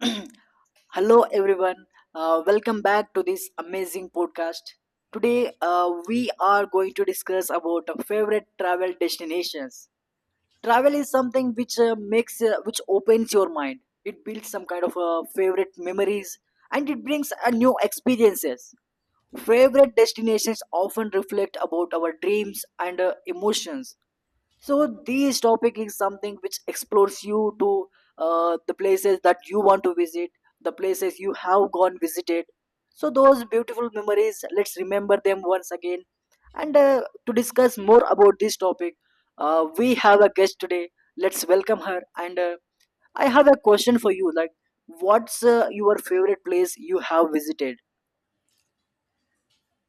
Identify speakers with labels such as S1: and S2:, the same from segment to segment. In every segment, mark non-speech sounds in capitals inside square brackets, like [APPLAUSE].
S1: [CLEARS THROAT] Hello, everyone. Welcome back to this amazing podcast. Today, we are going to discuss about our favorite travel destinations. Travel is something which opens your mind. It builds some kind of favorite memories, and it brings a new experiences. Favorite destinations often reflect about our dreams and emotions. So this topic is something which explores you to the places that you want to visit, the places you have gone visited. So those beautiful memories, let's remember them once again. And to discuss more about this topic, we have a guest today. Let's welcome her. And I have a question for you. Like, what's your favorite place you have visited?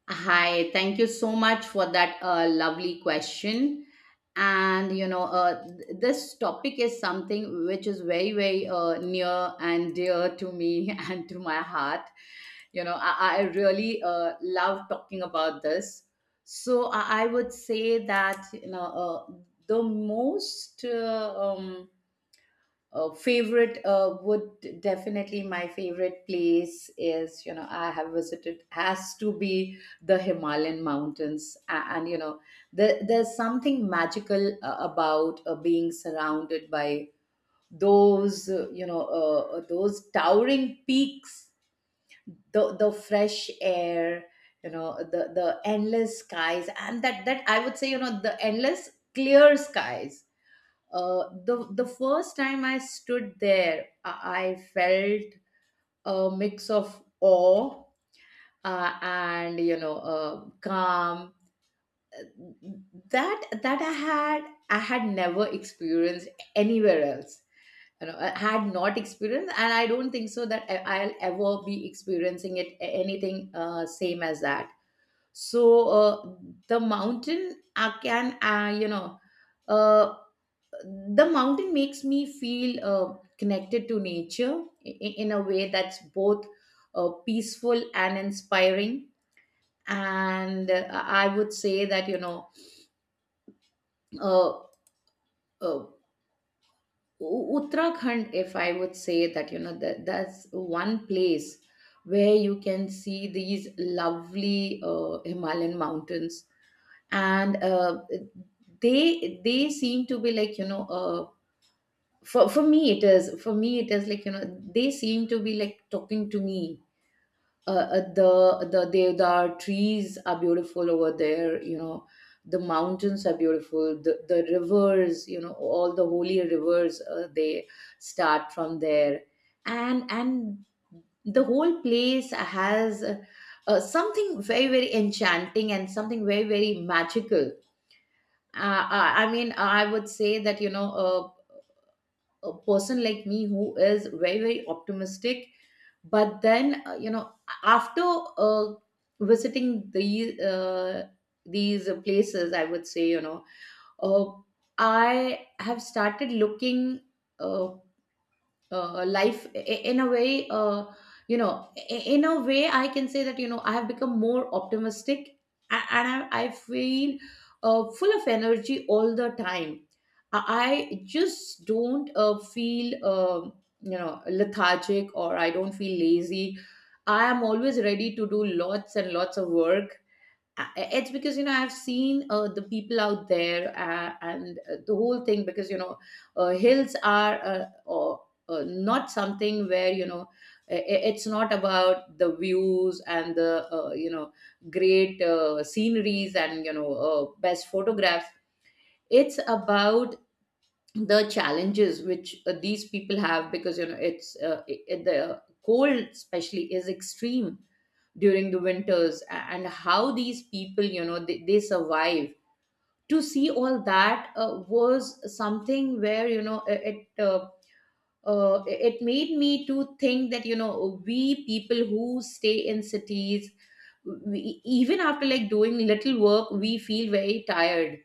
S2: Hi, thank you so much for that lovely question. And you know, th- This topic is something which is very, very near and dear to me [LAUGHS] and to my heart. I really love talking about this. So I would say that the most favorite would definitely my favorite place is you know I have visited has to be the Himalayan mountains. A- and, you know there, There's something magical about being surrounded by those you know those towering peaks, the fresh air, the endless skies, and that, I would say, the endless clear skies. The first time I stood there, I felt a mix of awe and calm that I had, I had never experienced anywhere else. You know, I had not experienced, and I don't think so that I'll ever be experiencing it, anything same as that. So the mountain I can you know. Uh the mountain makes me feel connected to nature in a way that's both peaceful and inspiring. And uh, i would say that uh, uh, Uttarakhand, if I would say, that that's one place where you can see these lovely Himalayan mountains. And uh, they they seem to be like, for me it is like, you know, they seem to be like talking to me. Uh, uh, the the the trees are beautiful over there, you know, the mountains are beautiful, the rivers, you know, all the holy rivers, they start from there. And and the whole place has something very, very enchanting and something very, very magical. I mean, I would say that, you know, uh, a person like me who is very, very optimistic, but then, after uh, visiting these places, I would say, you know, uh, I have started looking uh, life I- in a way, in a way I can say that, you know, I have become more optimistic. And I feel full of energy all the time. I just don't feel, lethargic, or I don't feel lazy. I am always ready to do lots and lots of work. I- it's because, you know, I've seen the people out there, and the whole thing, because, you know, hills are, not something where, you know, it's not about the views and the, great sceneries and, you know, best photographs. It's about the challenges which these people have, because, you know, the cold especially is extreme during the winters, and how these people, you know, they survive. To see all that was something where, uh, it made me to think that, you know, we people who stay in cities, we, even after like doing little work, we feel very tired.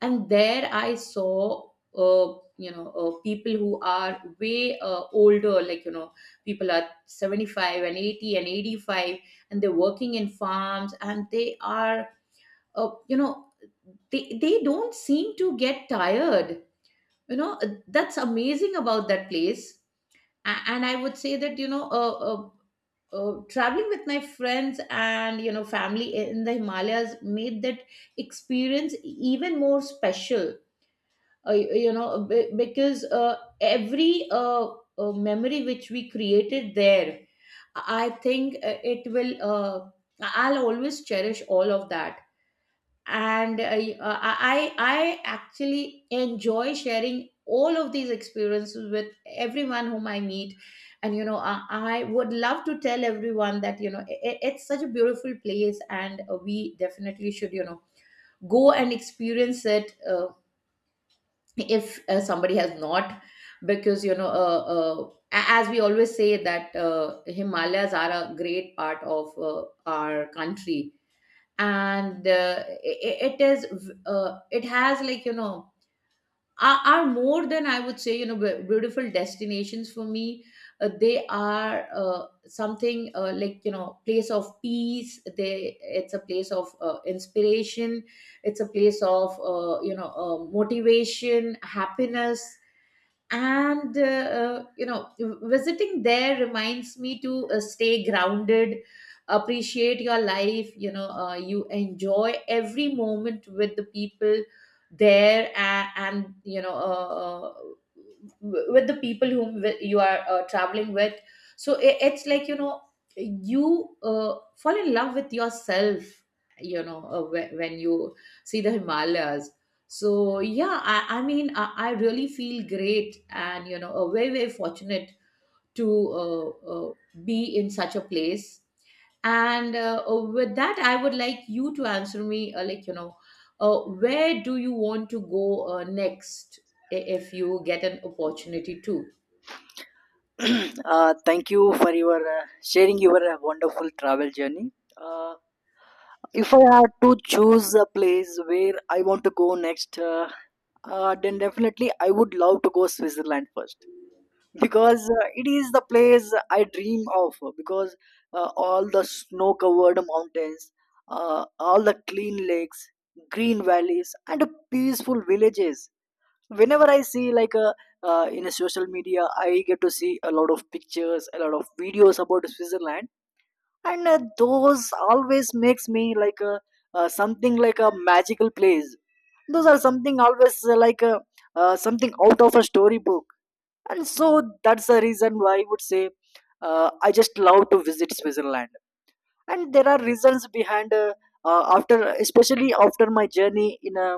S2: And there I saw, uh, people who are way older, like, you know, people are 75 and 80 and 85, and they're working in farms, and they are, uh, you know they don't seem to get tired. You know, that's amazing about that place. And I would say that, traveling with my friends and, you know, family in the Himalayas made that experience even more special. Uh, you know be- because every memory which we created there, I think, it will I'll always cherish all of that. And I actually enjoy sharing all of these experiences with everyone whom I meet. And, I would love to tell everyone that, it's such a beautiful place, and we definitely should, you know, go and experience it if somebody has not, because, as we always say, that Himalayas are a great part of our country. And I- it is v- It has, like, you know, are more than, I would say, you know, beautiful destinations for me. They are something like, you know, place of peace, they it's a place of inspiration, it's a place of, motivation, happiness. And you know Visiting there reminds me to stay grounded, appreciate your life, you know, you enjoy every moment with the people there, and you know, with the people whom you are traveling with. So it's like, you know, you fall in love with yourself, you know, when you see the Himalayas. So yeah, I mean, I really feel great and, you know, very, very fortunate to be in such a place. And, with that, I would like you to answer me, where do you want to go next, if you get an opportunity to?
S1: [CLEARS THROAT] Thank you for your sharing your wonderful travel journey. If I had to choose a place where I want to go next, then definitely I would love to go Switzerland first because it is the place I dream of. Because all the snow-covered mountains, all the clean lakes, green valleys, and peaceful villages. Whenever I see like a in a social media, I get to see a lot of pictures, a lot of videos about Switzerland, and those always makes me like a something like a magical place, those are something always like a, something out of a storybook, and so that's the reason why I would say I just love to visit Switzerland. And there are reasons behind after especially after my journey in a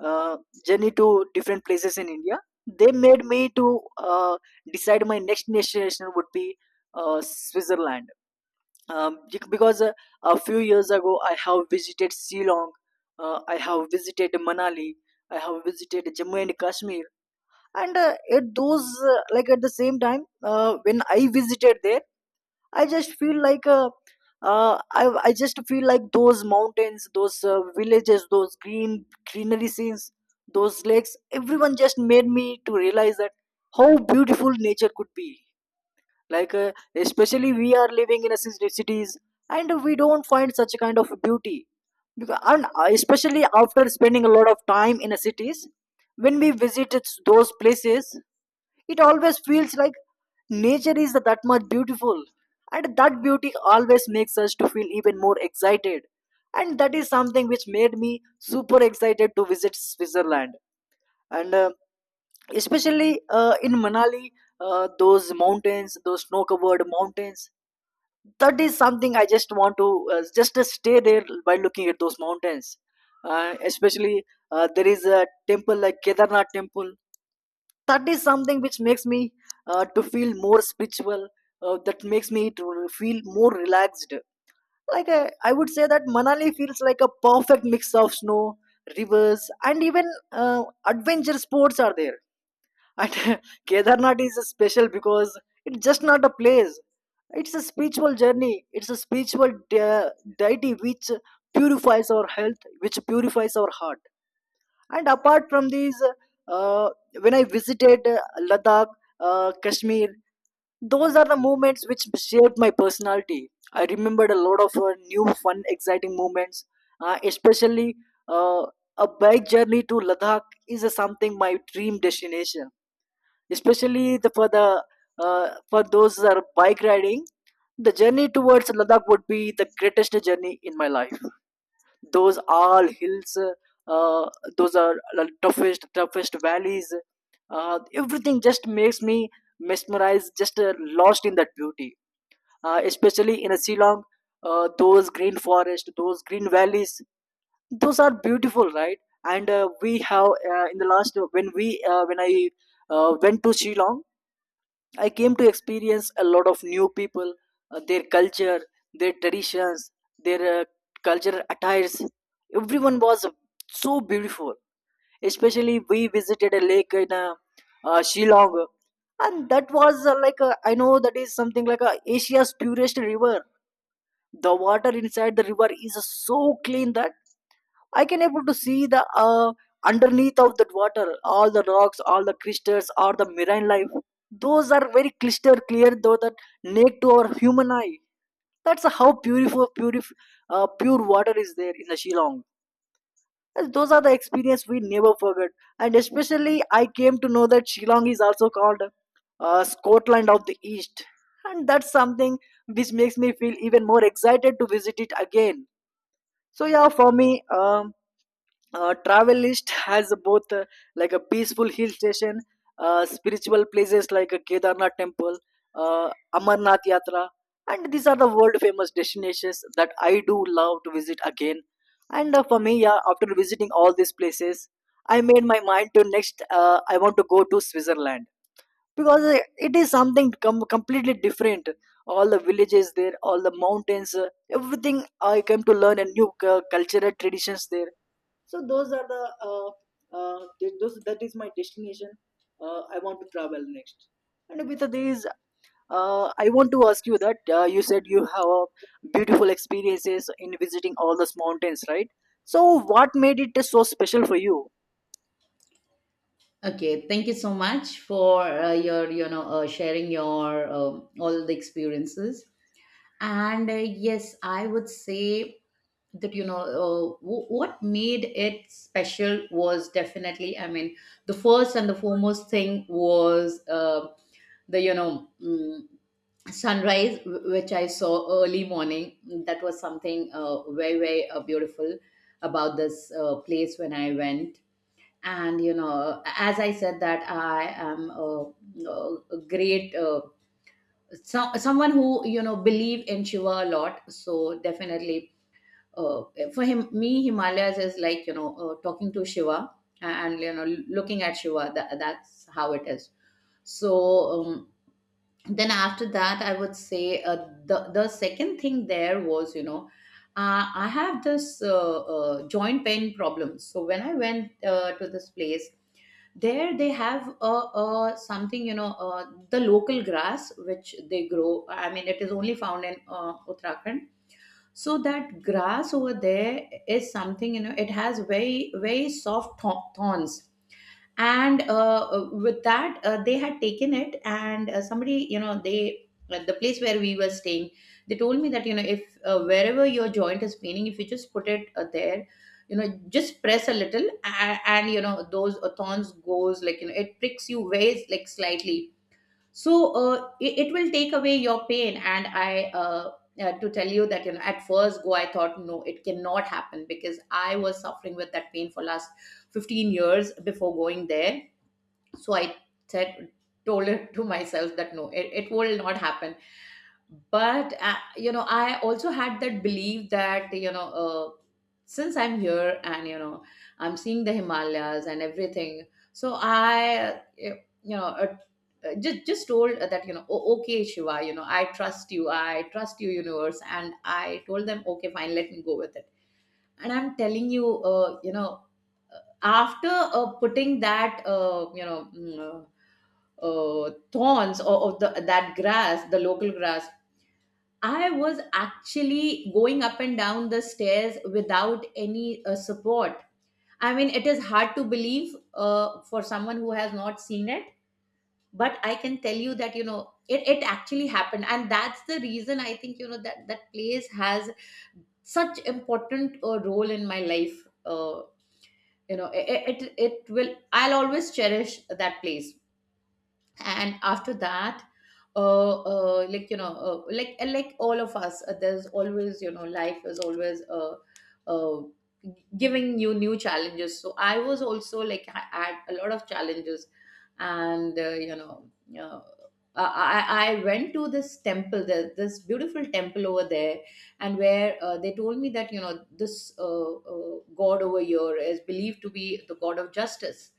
S1: uh, journey to different places in India, they made me to uh, decide my next destination would be Switzerland. Because a few years ago I have visited Shillong, I have visited Manali, I have visited Jammu and Kashmir, and at those like at the same time when I visited there, I just feel like I just feel like those mountains, those villages, those green greenery scenes, those lakes. Everyone just made me to realize that how beautiful nature could be. like uh, Especially we are living in a cities, and we don't find such kind of beauty because, and especially after spending a lot of time in a cities, when we visit those places, it always feels like nature is that much beautiful, and that beauty always makes us to feel even more excited, and that is something which made me super excited to visit Switzerland. And especially in Manali, those mountains, those snow covered mountains, that is something I just want to just stay there by looking at those mountains. Especially there is a temple like Kedarnath temple. That is something which makes me to feel more spiritual. That makes me to feel more relaxed. I would say that Manali feels like a perfect mix of snow, rivers, and even adventure sports are there. And [LAUGHS] Kedarnath is special because it's just not a place. It's a spiritual journey. It's a spiritual deity which purifies our health, which purifies our heart. And apart from these, uh, when I visited Ladakh, Kashmir, those are the moments which shaped my personality. I remembered a lot of new, fun, exciting moments, especially uh, a bike journey to Ladakh is something my dream destination, especially the for those that are bike riding, the journey towards Ladakh would be the greatest journey in my life. Those all hills, uh, those are the toughest toughest valleys. Everything just makes me mesmerized, just lost in that beauty. Especially in a Shillong, those green forest, those green valleys, those are beautiful, right? And we have in the last when we when I went to Shillong, I came to experience a lot of new people, their culture, their traditions, their cultural attires. Everyone was so beautiful. Especially, we visited a lake in Shillong, and that was like a, I know that is something like a Asia's purest river. The water inside the river is so clean that I can able to see the underneath of that water, all the rocks, all the crystals, or the marine life. Those are very crystal clear, though that naked to our human eye. That's how beautiful, pure water is there in the Shillong. And those are the experience we never forget. And especially, I came to know that Shillong is also called Scotland of the East, and that's something which makes me feel even more excited to visit it again. So yeah, for me, travel list has both like a peaceful hill station, spiritual places like a Kedarnath temple, Amarnath Yatra, and these are the world famous destinations that I do love to visit again. And for me, yeah, after visiting all these places, I made my mind to next I want to go to Switzerland, because it is something completely different. All the villages there, all the mountains, everything, I came to learn and new cultural traditions there. So those are the uh, those that is my destination I want to travel next. And with these, I want to ask you that you said you have a beautiful experiences in visiting all those mountains, right? So what made it so special for you?
S2: Okay, thank you so much for sharing your all the experiences. And yes, I would say that, what made it special was, definitely, I mean, the first and the foremost thing was, the you know mm, sunrise which I saw early morning. That was something very, very beautiful about this place when I went. And, you know, as I said, that I am a great someone who, you know, believe in Shiva a lot. So definitely, uh, for him me Himalayas is, like, you know, talking to Shiva and, you know, looking at Shiva. That, that's how it is. So um, then after that, I would say, the second thing there was, you know, I have this joint pain problem. So when I went to this place, there they have a something, you know, the local grass which they grow. I mean, it is only found in Uttarakhand. So that grass over there is something, you know, it has very, very soft thorns. And with that, they had taken it, and, somebody, you know, they, at the place where we were staying, they told me that, you know, if, wherever your joint is paining, if you just put it there, you know, just press a little, and, you know, those thorns goes like, you know, it pricks you very, like, slightly, so it, it will take away your pain. And I to tell you that, you know, at first go I thought, no, it cannot happen, because I was suffering with that pain for last 15 years before going there. So I said told [LAUGHS] it to myself that, no, it, it will not happen. But you know, I also had that belief that, since I'm here and, you know, I'm seeing the Himalayas and everything. So I uh, you know uh, just told that, you know, "O- okay Shiva, you know, I trust you, I trust you, universe," and I told them, okay, fine, let me go with it. And I'm telling you, you know after putting that, thorns of the that grass, the local grass, I was actually going up and down the stairs without any support. I mean, it is hard to believe for someone who has not seen it, but I can tell you that, you know, it actually happened. And that's the reason, I think, you know, that that place has such important role in my life. You know, it will, I'll always cherish that place, and after that like all of us, there's always life is always uh giving you new challenges. So I was also like, I had a lot of challenges, and uh, I went to this temple there, this beautiful temple over there, and where they told me that, you know, this god over here is believed to be the god of justice,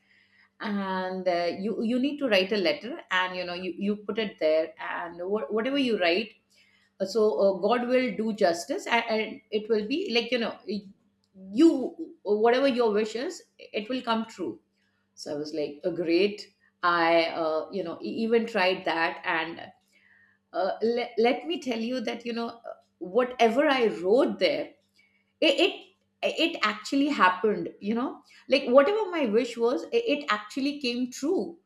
S2: and you need to write a letter, and you know, you put it there, and whatever you write, god will do justice, and it will be like, you know, you, whatever your wish is, it will come true. So I was like, oh, great. I even tried that, and let me tell you that, you know, whatever I wrote there, it it actually happened, you know, like whatever my wish was, it actually came true.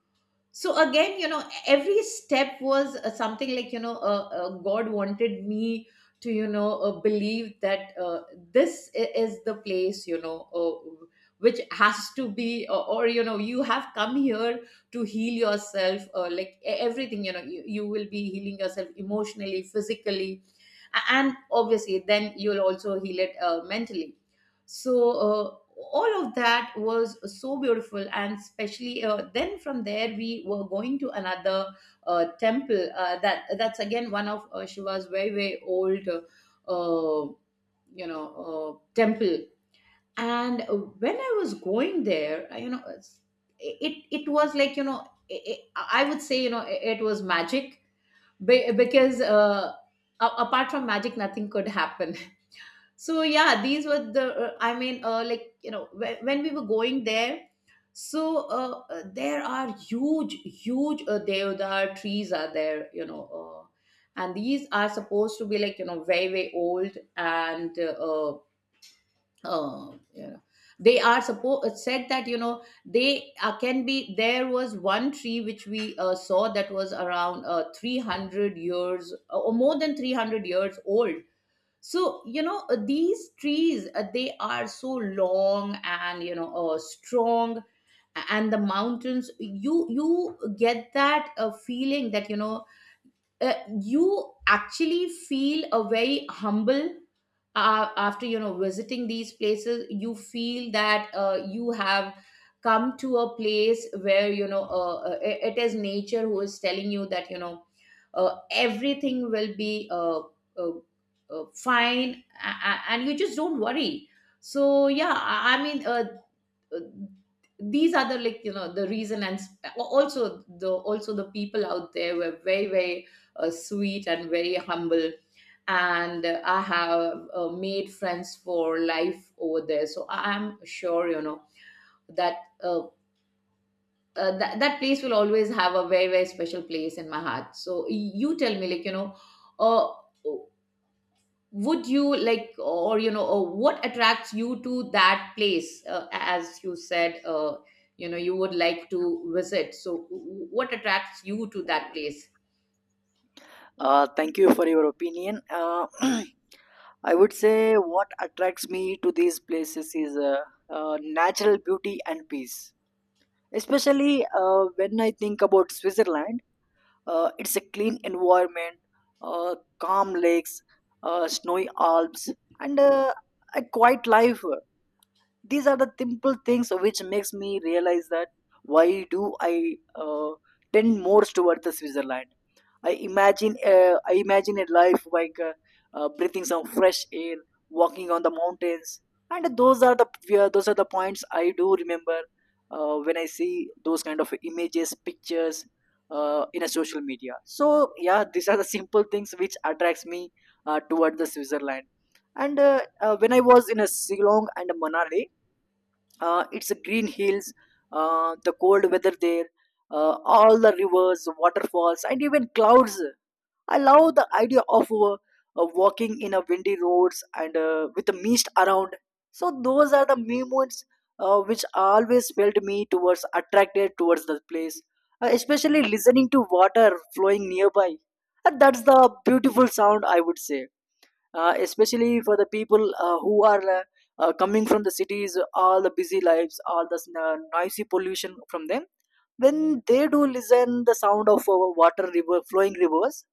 S2: So again, you know, every step was something like, you know, god wanted me to, you know, believe that this is the place, you know, which has to be, or you know, you have come here to heal yourself. Like, everything, you know, you will be healing yourself emotionally, physically, and obviously then you'll also heal it mentally. So all of that was so beautiful, and especially then from there we were going to another temple, that's again one of Shiva's very very old uh, temple. And when I was going there, you know, it it was like, you know, I would say, you know, it was magic, because apart from magic nothing could happen. [LAUGHS] So yeah, these were the I mean, like, you know, when we were going there, so there are huge deodar trees are there, you know, and these are supposed to be like, you know, very very old, and you know, they are supposed said that, you know, they can be. There was one tree which we saw that was around 300 years, or more than 300 years old. So you know, these trees, they are so long, and you know, strong. And the mountains, you get that feeling that, you know, uh, you actually feel a very humble after, you know, visiting these places. You feel that you have come to a place where, you know, it it is nature who is telling you that, you know, everything will be uh, fine, and you just don't worry. So yeah, I mean, uh, these are the, like, you know, the reason. And also, the people out there were very very sweet and very humble. And I have made friends for life over there, so I'm sure you know that uh, that place will always have a very very special place in my heart. So you tell me, like, you know, uh, would you like, or you know, or what attracts you to that place? As you said, you know, you would like to visit, so what attracts you to that place?
S1: Thank you for your opinion. [CLEARS THROAT] I would say what attracts me to these places is natural beauty and peace. Especially when I think about Switzerland, it's a clean environment, calm lakes, snowy Alps, and a quiet life. These are the simple things which makes me realize that why do I uh, tend more towards the Switzerland. I imagine a life like breathing some fresh air, walking on the mountains, and those are the, yeah, those are the points I do remember when I see those kind of images, pictures, in a social media. So yeah, these are the simple things which attracts me toward the Switzerland. And when I was in a Siglong and Manali, it's green hills, the cold weather there, all the rivers, waterfalls, and even clouds. I love the idea of walking in a windy roads and with the mist around. So those are the moments which always felt me towards attracted towards the place, especially listening to water flowing nearby, and that's the beautiful sound I would say, especially for the people who are coming from the cities, all the busy lives, all the noisy pollution from them, when they do listen the sound of water river flowing rivers,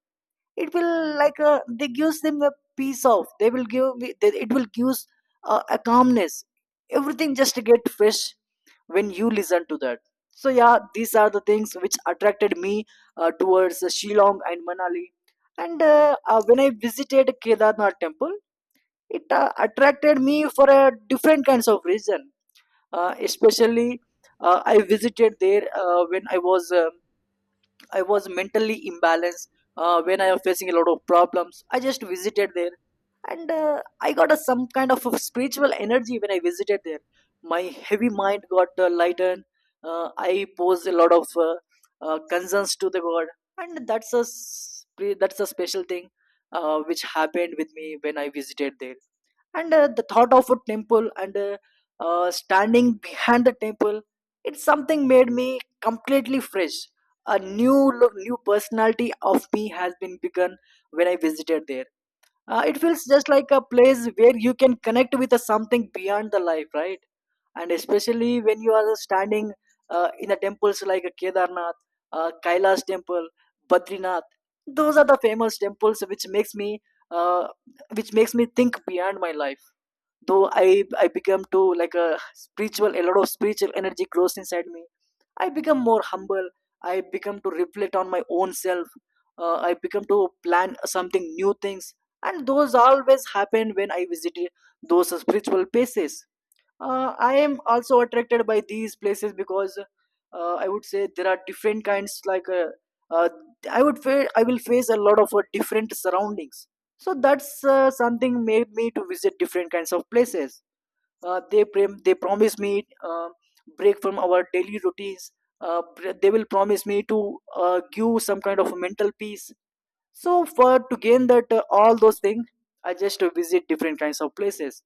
S1: it will like they gives them the peace of they will give me- they- it will gives a calmness. Everything just get fresh when you listen to that. So yeah, these are the things which attracted me towards Shillong and Manali. And when I visited Kedarnath temple, it attracted me for a different kinds of reason, especially I visited there when I was I was mentally imbalanced, when I was facing a lot of problems. I just visited there, and I got a, some kind of a spiritual energy when I visited there. My heavy mind got lightened. I posed a lot of concerns to the God, and that's a that's a special thing which happened with me when I visited there. And the thought of a temple and standing behind the temple, it's something made me completely fresh. A new look, new personality of me has been begun when I visited there. It feels just like a place where you can connect with a something beyond the life, right? And especially when you are standing in the temples like Kedarnath, Kailash temple, Badrinath, those are the famous temples which makes me uh, which makes me think beyond my life. Though I become to like a spiritual, a lot of spiritual energy grows inside me. I become more humble. I become to reflect on my own self. I become to plan something new things, and those always happen when I visit those spiritual places. I am also attracted by these places because I would say there are different kinds. Uh, I would, I will face a lot of different surroundings. So that's something made me to visit different kinds of places. They promise me break from our daily routines. They will promise me to give some kind of mental peace. So for to gain that all those things, I just visit different kinds of places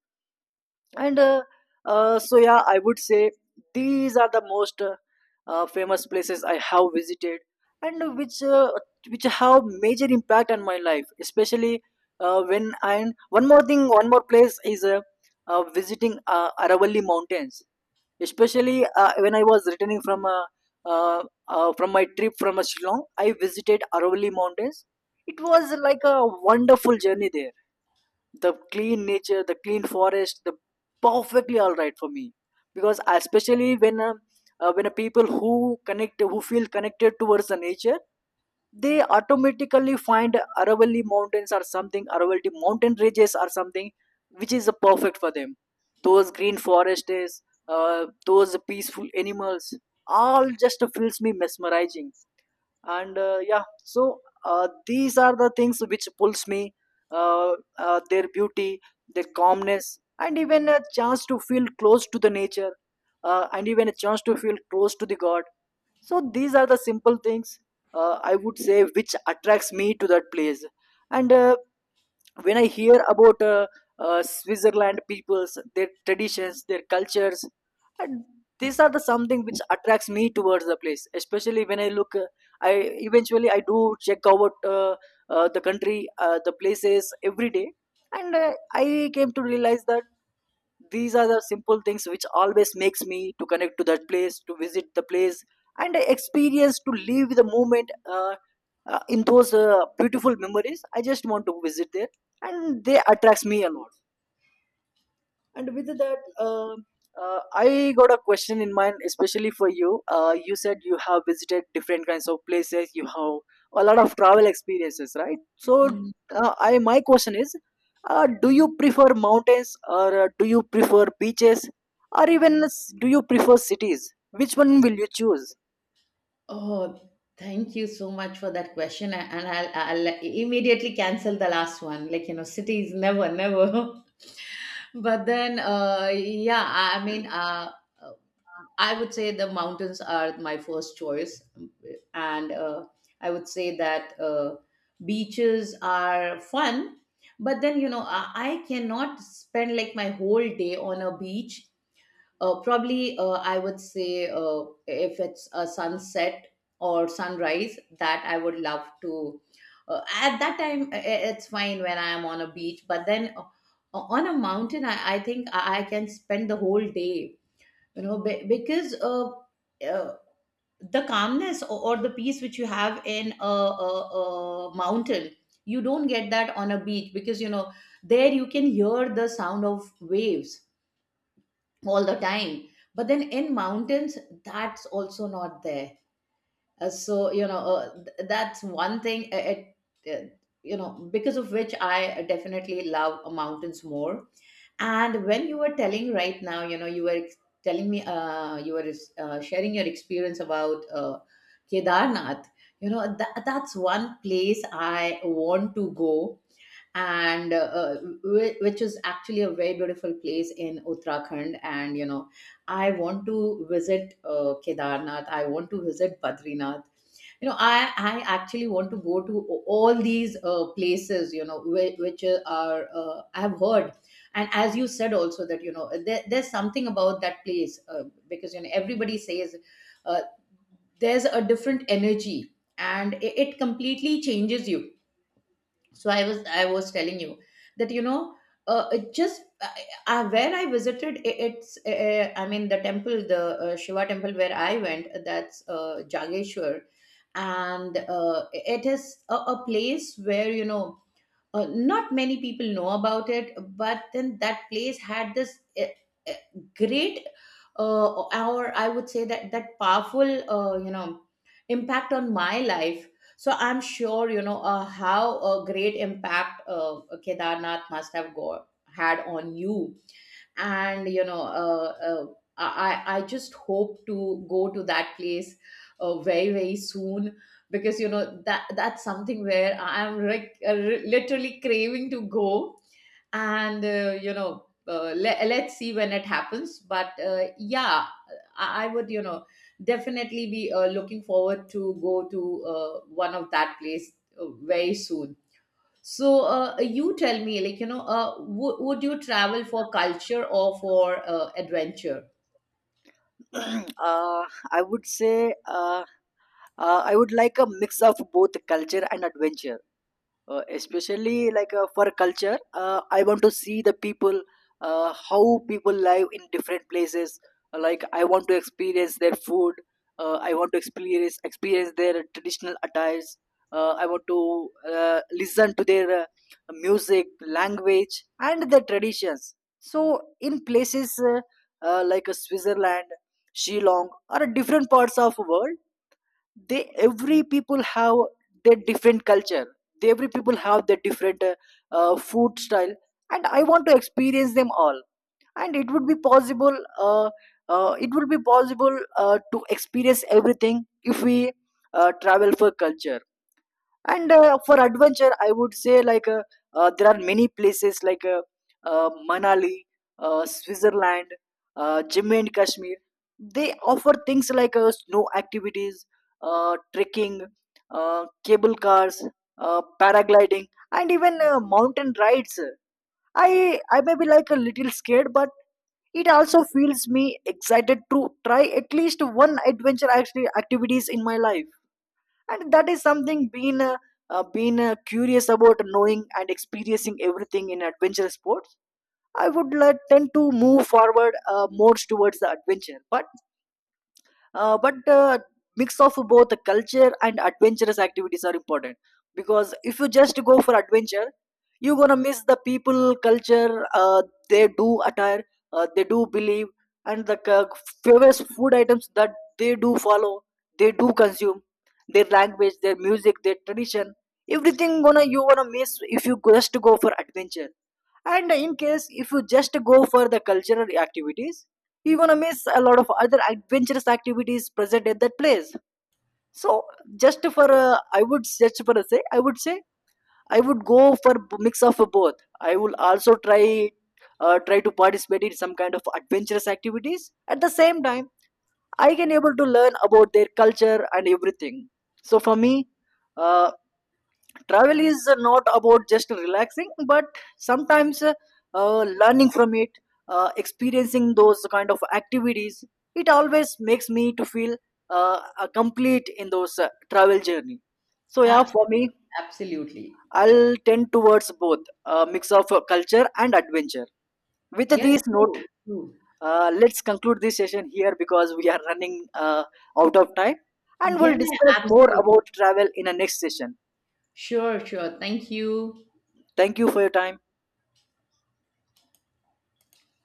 S1: and so, I would say these are the most famous places I have visited, and which have major impact on my life, especially when and one more thing, one more place is visiting Aravalli mountains, especially when I was returning uh, from my trip from Shillong. I visited Aravalli mountains. It was like a wonderful journey there. The clean nature, the clean forest, the perfectly all right for me. Because especially when a people who connect, who feel connected towards the nature, they automatically find Aravalli mountains or something, Aravalli mountain ranges or something, which is perfect for them. Those green forests, those peaceful animals, all just feels me mesmerizing. And these are the things which pulls me their beauty, their calmness, and even a chance to feel close to the nature, and even a chance to feel close to the god. So these are the simple things, I would say, which attracts me to that place. And when I hear about Switzerland peoples, their traditions, their cultures, and these are the something which attracts me towards the place. Especially when I look, I eventually I do check out the country, the places every day, and I came to realize that these are the simple things which always makes me to connect to that place, to visit the place, and I experience to live the moment in those beautiful memories. I just want to visit there and they attracts me a lot. And with that, I got a question in mind, especially for you. You said you have visited different kinds of places. You have a lot of travel experiences, right? So,
S2: Mhm.
S1: I my question is, do you prefer mountains, or do you prefer beaches, or even do you prefer cities? Which one will you choose?
S2: Oh, thank you so much for that question, and I'll immediately cancel the last one, like, you know, cities, never never. [LAUGHS] But then yeah, I mean,
S1: [CLEARS THROAT]
S2: I would say the mountains are my first choice. And I would say that beaches are fun. But then, you know, I cannot spend like my whole day on a beach. Probably, I would say, if it's a sunset or sunrise, that I would love to. At that time, it's fine when I am on a beach. But then on a mountain, I think I can spend the whole day, you know, because uh, the calmness, or the peace which you have in a, a mountain, you don't get that on a beach, because you know, there you can hear the sound of waves all the time. But then in mountains, that's also not there. So you know, that's one thing, uh, you know, because of which I definitely love mountains more. And when you were telling right now, you know, you were telling me, you were sharing your experience about Kedarnath. You know, that's one place I want to go, and which is actually a very beautiful place in Uttarakhand. And you know, I want to visit Kedarnath. I want to visit Badrinath. You know, I actually want to go to all these places, you know, which are I have heard. And as you said also that, you know, there's something about that place, because you know, everybody says, uh, there's a different energy, and it completely changes you. So I was telling you that, you know, it just where I visited, it's, I mean, the temple, the Shiva temple where I went, that's Jageshwar. And it is a place where, you know, not many people know about it. But then, that place had this uh, great, or I would say, that powerful uh, you know impact on my life. So I'm sure you know, how a great impact Kedarnath must have got had on you. And you know, i I just hope to go to that place very very soon, because you know, that's something where I'm like, literally craving to go. And you know, let's see when it happens. But yeah, I would, you know, definitely be looking forward to go to one of that place very soon. So, you tell me, like, you know, would you travel for culture or for adventure?
S1: uh, I would say I would like a mix of both culture and adventure. Especially like, for culture, I want to see the people, how people live in different places. Like I want to experience their food, I want to experience their traditional attires. I want to listen to their music, language, and their traditions. So in places like Switzerland, Shillong, or different parts of world, they every people have their different culture, they every people have their different food style, and I want to experience them all. And it would be possible uh, it would be possible to experience everything if we travel for culture. And for adventure, I would say like, there are many places like Manali, Switzerland, Jimmy and Kashmir. They offer things like snow activities, trekking, cable cars, paragliding, and even mountain rides. I may be like a little scared, but it also feels me excited to try at least one adventure actually activities in my life. And that is something being been curious about knowing and experiencing everything in adventure sports. I would like tend to move forward more towards the adventure, but mix of both culture and adventurous activities are important, because if you just go for adventure, you're gonna miss the people culture, they do attire, they do believe, and famous food items that they do follow, they do consume, their language, their music, their tradition, everything gonna you gonna miss if you just go for adventure. And in case if you just go for the cultural activities, you're gonna miss a lot of other adventurous activities present at that place. So just for I would just for a say I would go for mix of both. I will also try try to participate in some kind of adventurous activities. At the same time, I can able to learn about their culture and everything. So for me, uh, travel is not about just relaxing, but sometimes learning from it, experiencing those kind of activities, it always makes me to feel complete in those travel journey. So yeah, for me,
S2: Absolutely. Absolutely.
S1: I'll tend towards both, a mix of culture and adventure. With
S2: Yeah,
S1: this note,
S2: true, true.
S1: let's conclude this session here, because we are running out of time, and
S2: Yeah,
S1: we'll discuss more
S2: absolutely.
S1: about travel in a next session.
S2: Sure, sure. Thank you.
S1: Thank you for your time.